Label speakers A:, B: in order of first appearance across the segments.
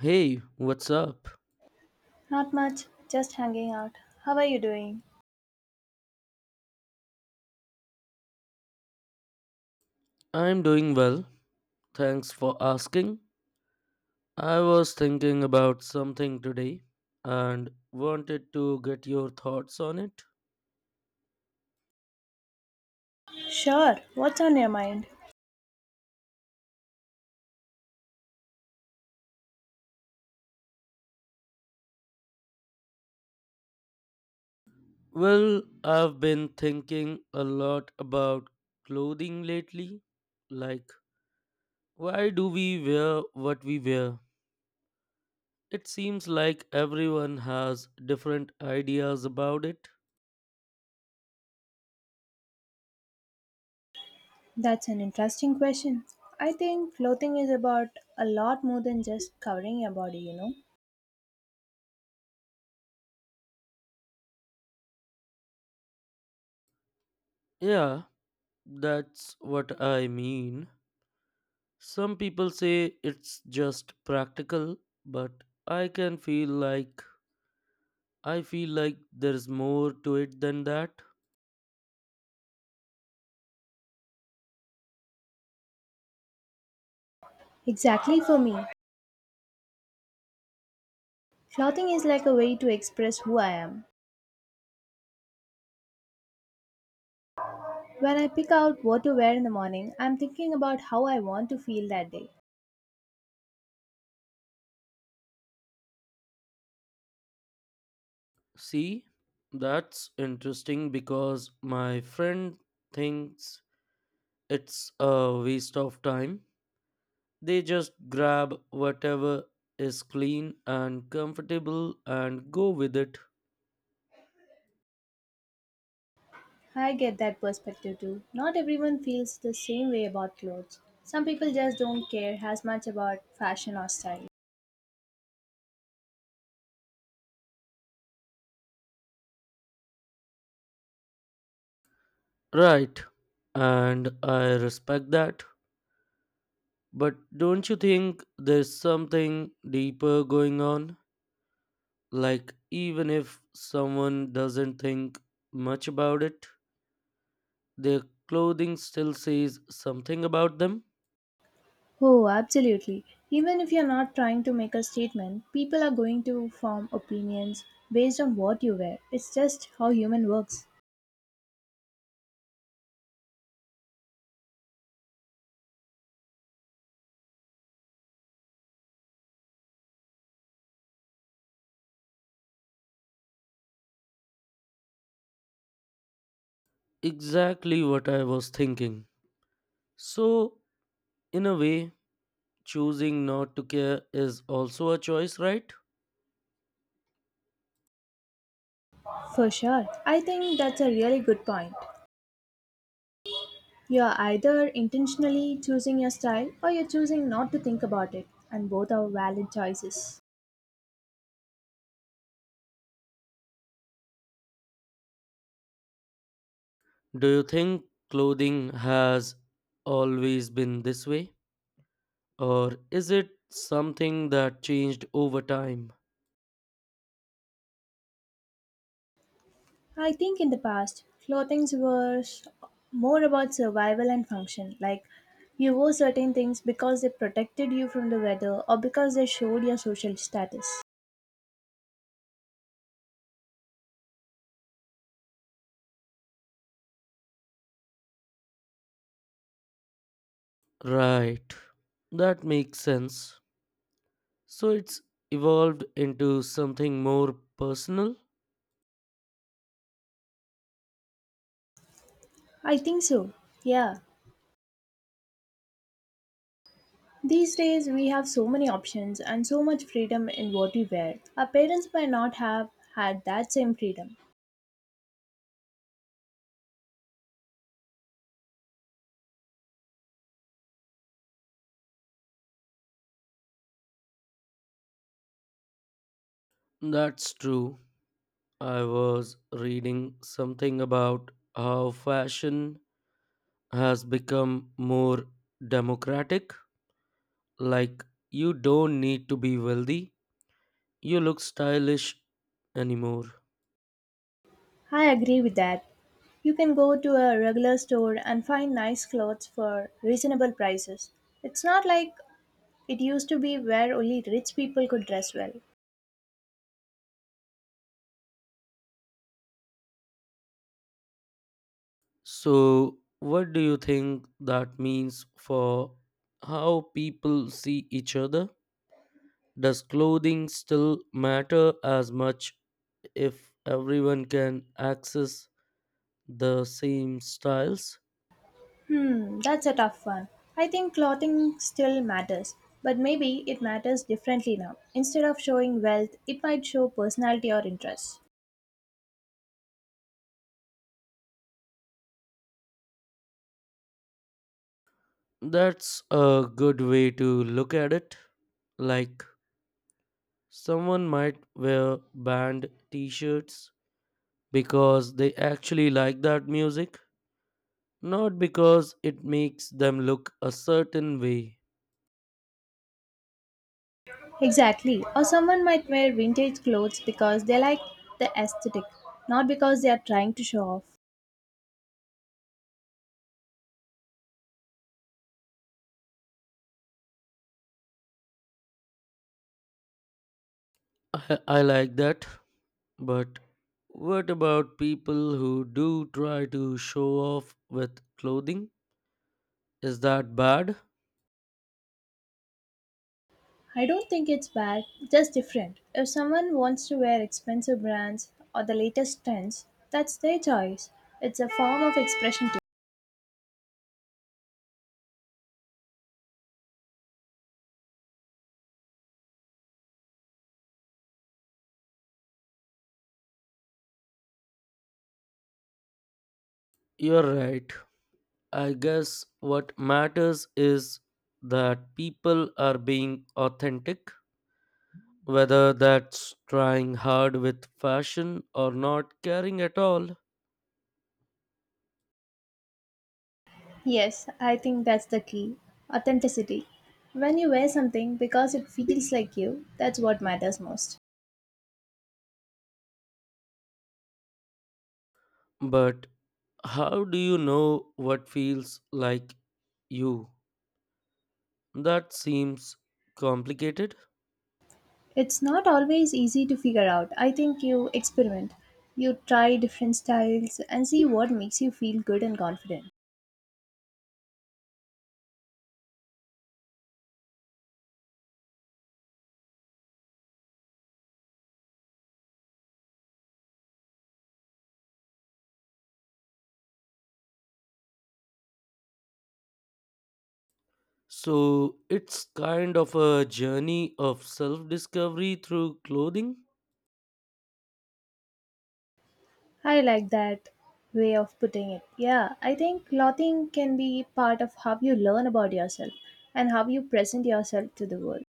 A: Hey, what's up?
B: Not much, just hanging out. How are you doing?
A: I'm doing well. Thanks for asking. I was thinking about something today and wanted to get your thoughts on it.
B: Sure, what's on your mind?
A: Well, I've been thinking a lot about clothing lately. Like, why do we wear what we wear? It seems like everyone has different ideas about it.
B: That's an interesting question. I think clothing is about a lot more than just covering your body, you know?
A: Yeah, that's what I mean. Some people say it's just practical, but I can feel like I feel like there's more to it than that.
B: Exactly for me. Clothing is like a way to express who I am. When I pick out what to wear in the morning, I'm thinking about how I want to feel that day.
A: See, that's interesting because my friend thinks it's a waste of time. They just grab whatever is clean and comfortable and go with it.
B: I get that perspective too. Not everyone feels the same way about clothes. Some people just don't care as much about fashion or style.
A: Right. And I respect that. But don't you think there's something deeper going on? Like, even if someone doesn't think much about it, their clothing still says something about them.
B: Oh, absolutely. Even if you're not trying to make a statement, people are going to form opinions based on what you wear. It's just how human works.
A: Exactly what I was thinking. So, in a way, choosing not to care is also a choice, right?
B: For sure. I think that's a really good point. You're either intentionally choosing your style or you're choosing not to think about it, and both are valid choices.
A: Do you think clothing has always been this way? Or is it something that changed over time?
B: I think in the past, clothings were more about survival and function. Like, you wore certain things because they protected you from the weather or because they showed your social status.
A: Right. That makes sense. So it's evolved into something more personal?
B: I think so. Yeah. These days we have so many options and so much freedom in what we wear. Our parents might not have had that same freedom.
A: That's true. I was reading something about how fashion has become more democratic. Like, you don't need to be wealthy, you look stylish anymore.
B: I agree with that. You can go to a regular store and find nice clothes for reasonable prices. It's not like it used to be where only rich people could dress well.
A: So, what do you think that means for how people see each other? Does clothing still matter as much if everyone can access the same styles?
B: Hmm, that's a tough one. I think clothing still matters, but maybe it matters differently now. Instead of showing wealth, it might show personality or interest.
A: That's a good way to look at it. Like, someone might wear band t shirts because they actually like that music, not because it makes them look a certain way.
B: Exactly. Or someone might wear vintage clothes because they like the aesthetic, not because they are trying to show off.
A: I like that, but what about people who do try to show off with clothing? Is that bad?
B: I don't think it's bad, just different. If someone wants to wear expensive brands or the latest trends, that's their choice. It's a form of expression too.
A: You're right. I guess what matters is that people are being authentic, whether that's trying hard with fashion or not caring at all.
B: Yes, I think that's the key. Authenticity. When you wear something because it feels like you, that's what matters most.
A: But how do you know what feels like you? That seems complicated.
B: It's not always easy to figure out. I think you experiment. You try different styles and see what makes you feel good and confident.
A: So it's kind of a journey of self discovery through clothing.
B: I like that way of putting it. Yeah, I think clothing can be part of how you learn about yourself and how you present yourself to the world.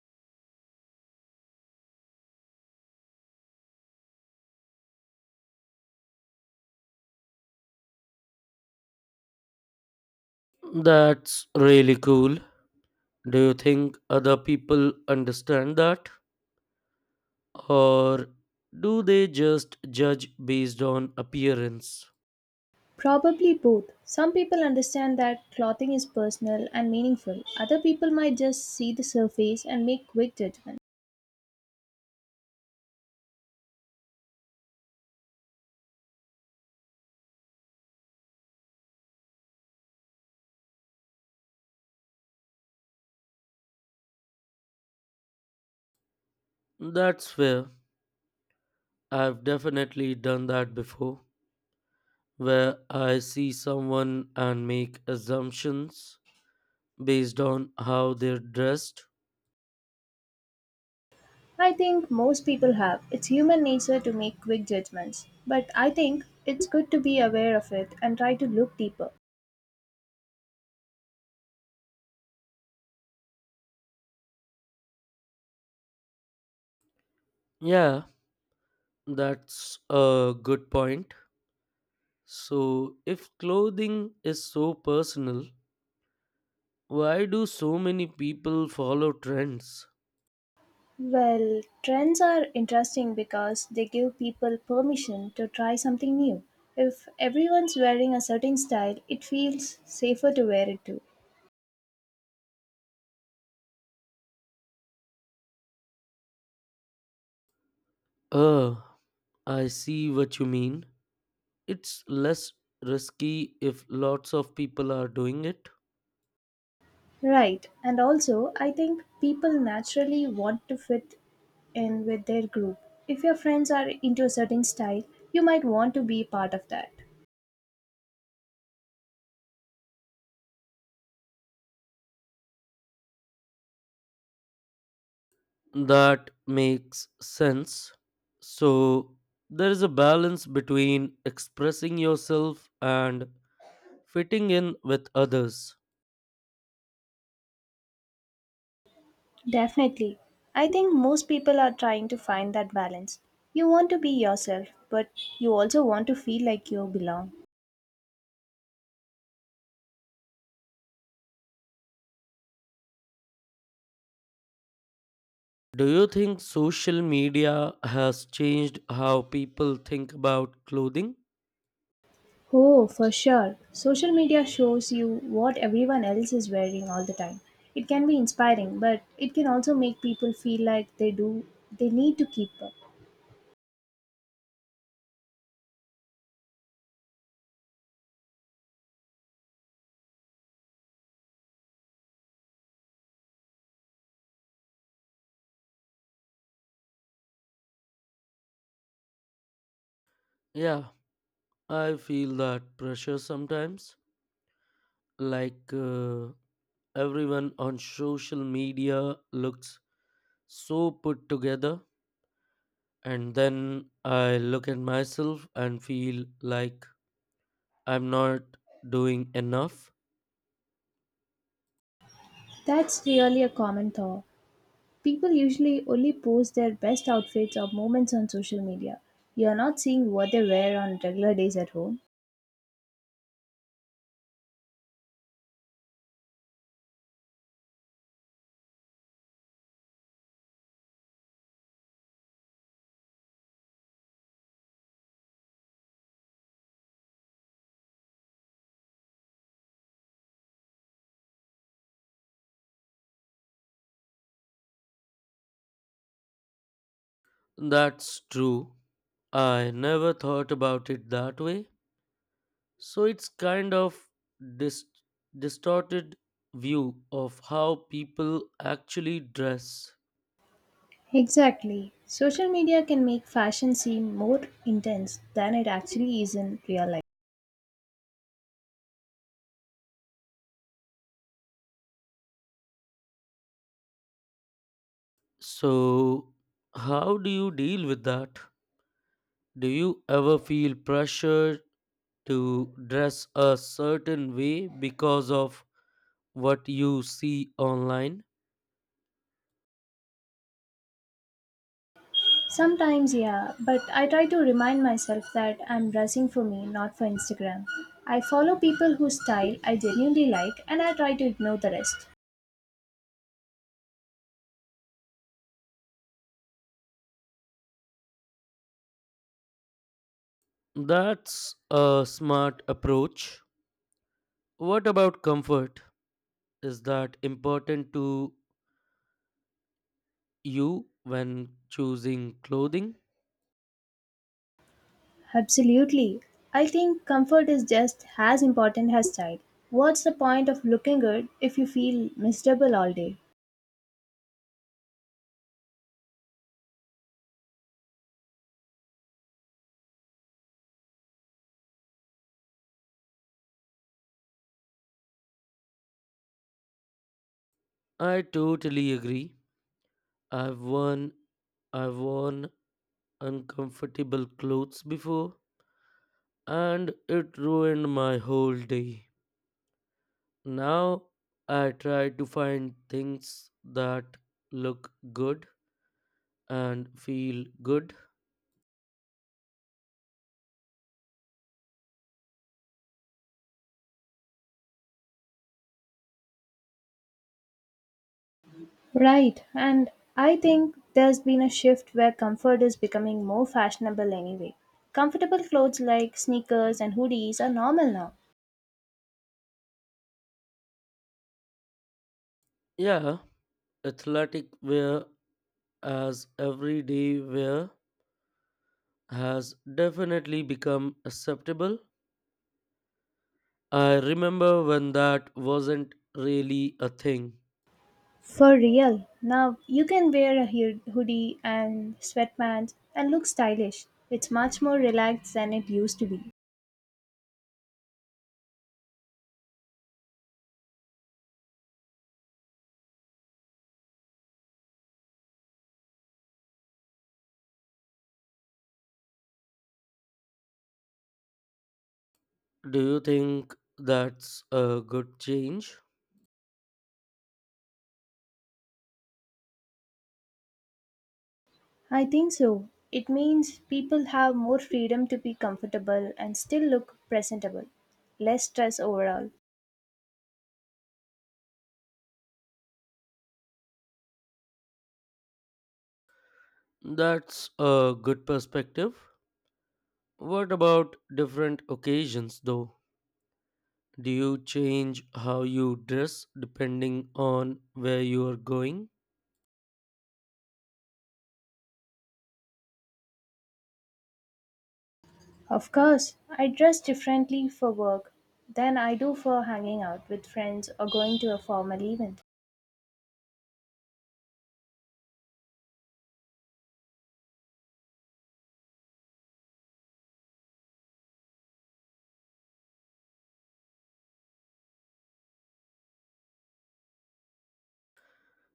A: That's really cool. Do you think other people understand that? Or do they just judge based on appearance?
B: Probably both. Some people understand that clothing is personal and meaningful. Other people might just see the surface and make quick judgments.
A: That's fair. I've definitely done that before, where I see someone and make assumptions based on how they're dressed.
B: I think most people have. It's human nature to make quick judgments, but I think it's good to be aware of it and try to look deeper.
A: Yeah, that's a good point. So, if clothing is so personal, why do so many people follow trends?
B: Well, trends are interesting because they give people permission to try something new. If everyone's wearing a certain style, it feels safer to wear it too.
A: Uh, I see what you mean. It's less risky if lots of people are doing it.
B: Right, and also I think people naturally want to fit in with their group. If your friends are into a certain style, you might want to be part of that.
A: That makes sense. So, there is a balance between expressing yourself and fitting in with others.
B: Definitely. I think most people are trying to find that balance. You want to be yourself, but you also want to feel like you belong.
A: Do you think social media has changed how people think about clothing?
B: Oh, for sure. Social media shows you what everyone else is wearing all the time. It can be inspiring, but it can also make people feel like they need to keep up.
A: Yeah, I feel that pressure sometimes. Like everyone on social media looks so put together, and then I look at myself and feel like I'm not doing enough.
B: That's really a common thought. People usually only post their best outfits or moments on social media. You're not seeing what they wear on regular days at home.
A: That's true. I never thought about it that way. So it's kind of dis- distorted view of how people actually dress.
B: Exactly. Social media can make fashion seem more intense than it actually is in real life.
A: So how do you deal with that? Do you ever feel pressure to dress a certain way because of what you see online?
B: Sometimes, yeah, but I try to remind myself that I'm dressing for me, not for Instagram. I follow people whose style I genuinely like and I try to ignore the rest.
A: That's a smart approach. What about comfort? Is that important to you when choosing clothing?
B: Absolutely. I think comfort is just as important as style. What's the point of looking good if you feel miserable all day?
A: I totally agree. I've worn I've worn uncomfortable clothes before and it ruined my whole day. Now I try to find things that look good and feel good.
B: Right, and I think there's been a shift where comfort is becoming more fashionable anyway. Comfortable clothes like sneakers and hoodies are normal now.
A: Yeah, athletic wear as everyday wear has definitely become acceptable. I remember when that wasn't really a thing.
B: For real. Now you can wear a hoodie and sweatpants and look stylish. It's much more relaxed than it used to be.
A: Do you think that's a good change?
B: I think so. It means people have more freedom to be comfortable and still look presentable. Less stress overall.
A: That's a good perspective. What about different occasions though? Do you change how you dress depending on where you are going?
B: Of course, I dress differently for work than I do for hanging out with friends or going to a formal event.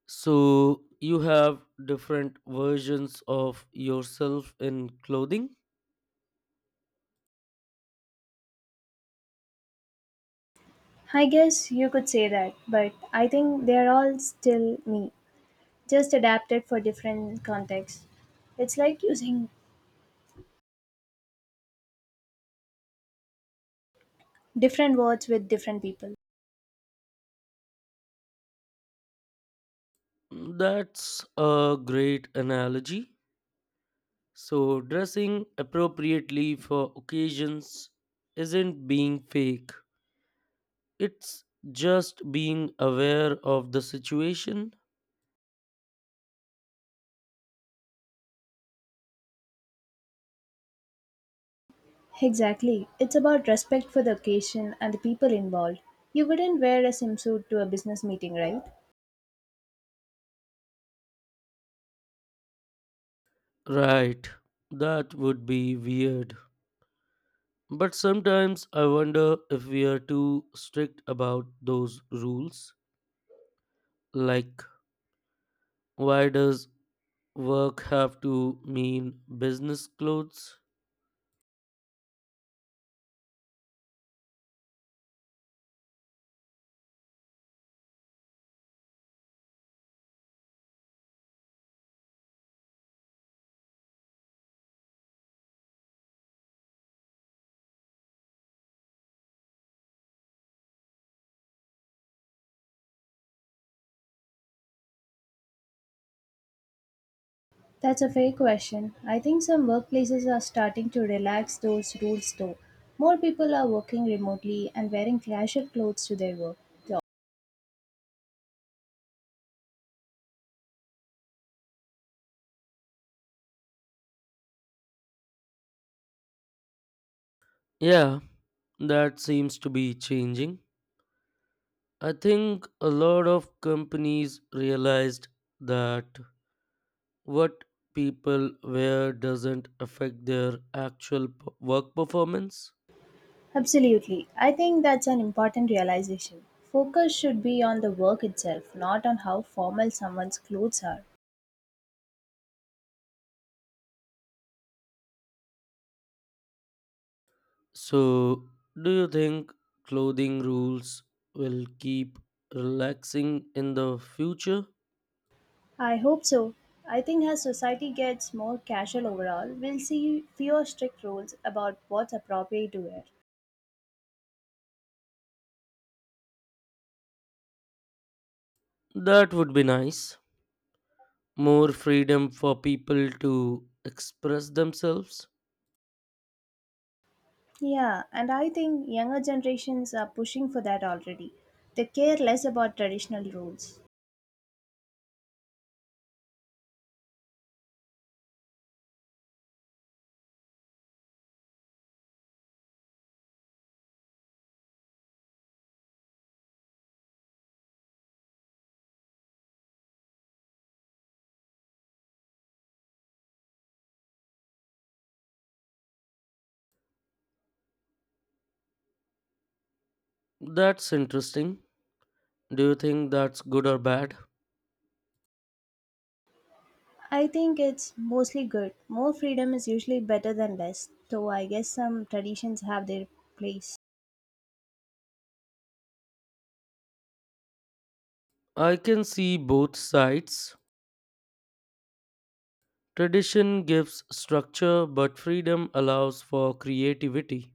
A: So you have different versions of yourself in clothing.
B: I guess you could say that, but I think they're all still me, just adapted for different contexts. It's like using different words with different people.
A: That's a great analogy. So dressing appropriately for occasions isn't being fake. It's just being aware of the situation.
B: Exactly. It's about respect for the occasion and the people involved. You wouldn't wear a swimsuit to a business meeting, right?
A: Right. That would be weird. But sometimes I wonder if we are too strict about those rules. Like, why does work have to mean business clothes?
B: That's a fair question. I think some workplaces are starting to relax those rules though. More people are working remotely and wearing casual clothes to their work. So,
A: Yeah, that seems to be changing. I think a lot of companies realized that what people wear doesn't affect their actual work performance.
B: Absolutely. I think that's an important realization. Focus should be on the work itself, not on how formal someone's clothes are.
A: So, do you think clothing rules will keep relaxing in the future?
B: I hope so. I think as society gets more casual overall, we'll see fewer strict rules about what's appropriate to wear.
A: That would be nice. More freedom for people to express themselves.
B: Yeah, and I think younger generations are pushing for that already. They care less about traditional rules.
A: That's interesting. Do you think that's good or bad?
B: I think it's mostly good. More freedom is usually better than less, though I guess some traditions have their place.
A: I can see both sides. Tradition gives structure, but freedom allows for creativity.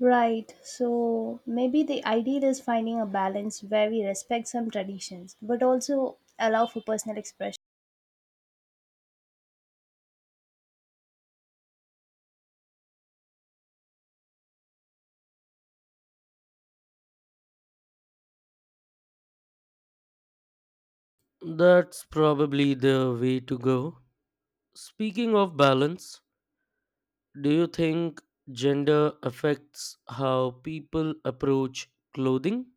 B: Right, so maybe the ideal is finding a balance where we respect some traditions but also allow for personal expression.
A: That's probably the way to go. Speaking of balance, do you think gender affects how people approach clothing?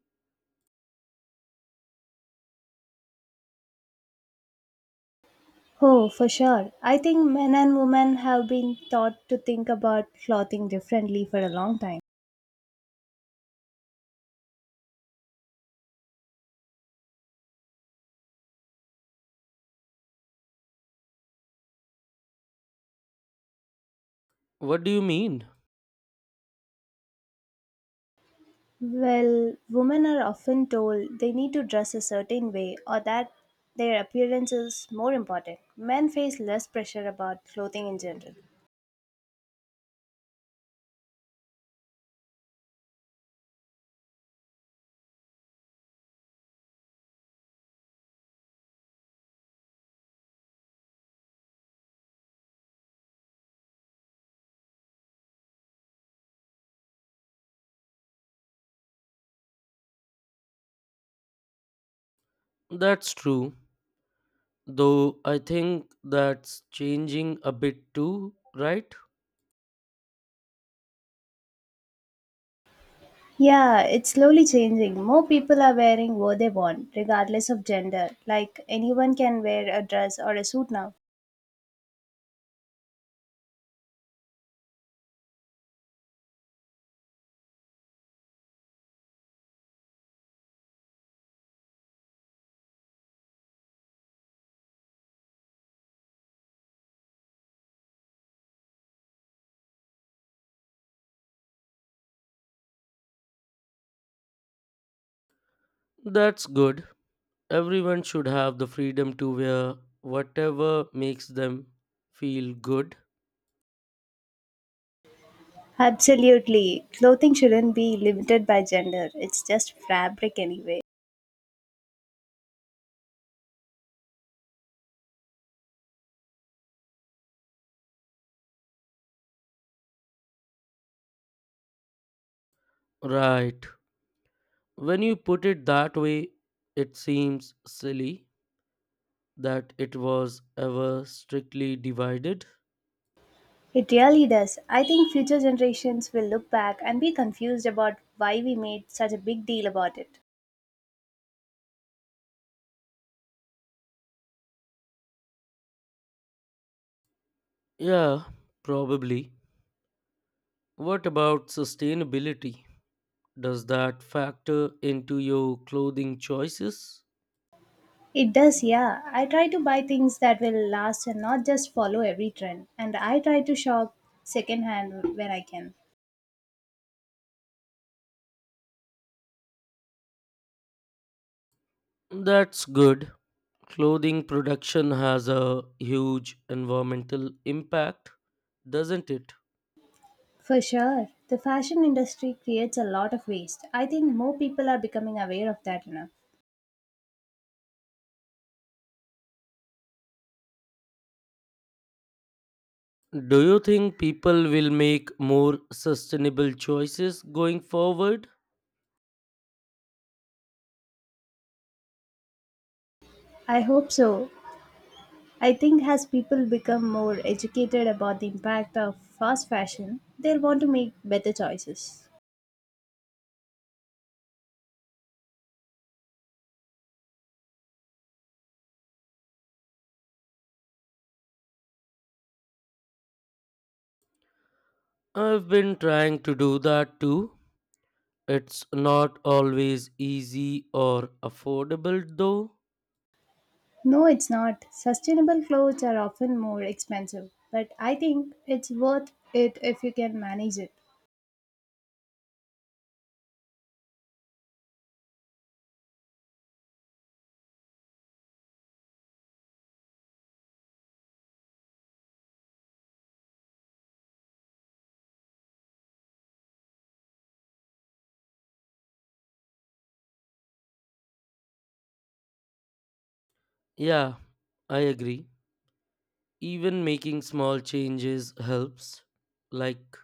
B: Oh, for sure. I think men and women have been taught to think about clothing differently for a long time.
A: What do you mean?
B: Well, women are often told they need to dress a certain way or that their appearance is more important. Men face less pressure about clothing in general.
A: That's true, though I think that's changing a bit too, right?
B: Yeah, it's slowly changing. More people are wearing what they want, regardless of gender. Like anyone can wear a dress or a suit now.
A: That's good. Everyone should have the freedom to wear whatever makes them feel good.
B: Absolutely. Clothing shouldn't be limited by gender. It's just fabric anyway.
A: Right. When you put it that way, it seems silly that it was ever strictly divided.
B: It really does. I think future generations will look back and be confused about why we made such a big deal about it.
A: Yeah, probably. What about sustainability? Does that factor into your clothing choices?
B: It does, yeah. I try to buy things that will last and not just follow every trend. And I try to shop secondhand where I can.
A: That's good. Clothing production has a huge environmental impact, doesn't it?
B: For sure. The fashion industry creates a lot of waste. I think more people are becoming aware of that now.
A: Do you think people will make more sustainable choices going forward?
B: I hope so. I think as people become more educated about the impact of fast fashion, they'll want to make better choices.
A: I've been trying to do that too. It's not always easy or affordable though.
B: No, it's not. Sustainable clothes are often more expensive, but I think it's worth it if you can manage it.
A: Yeah, I agree. Even making small changes helps, like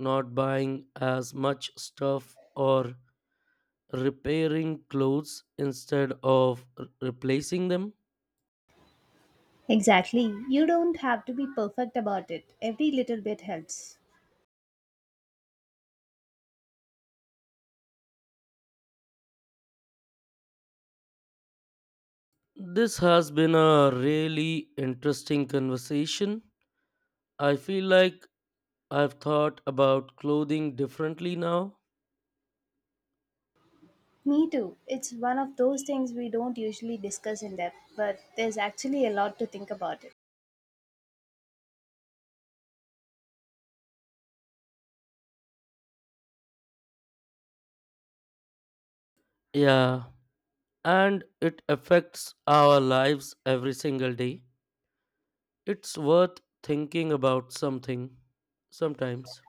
A: not buying as much stuff or repairing clothes instead of replacing them.
B: Exactly. You don't have to be perfect about it. Every little bit helps.
A: This has been a really interesting conversation. I feel like I've thought about clothing differently now.
B: Me too. It's one of those things we don't usually discuss in depth, but there's actually a lot to think about it.
A: Yeah, and it affects our lives every single day. It's worth thinking about something sometimes.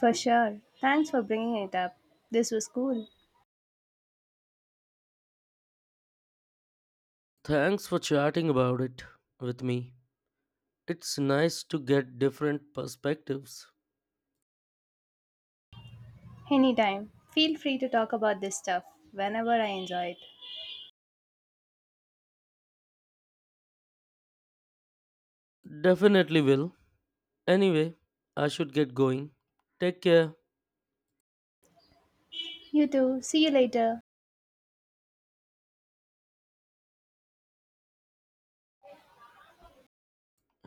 B: For sure. Thanks for bringing it up. This was cool.
A: Thanks for chatting about it with me. It's nice to get different perspectives.
B: Anytime. Feel free to talk about this stuff whenever I enjoy it.
A: Definitely will. Anyway, I should get going. Take care.
B: You too. See you later.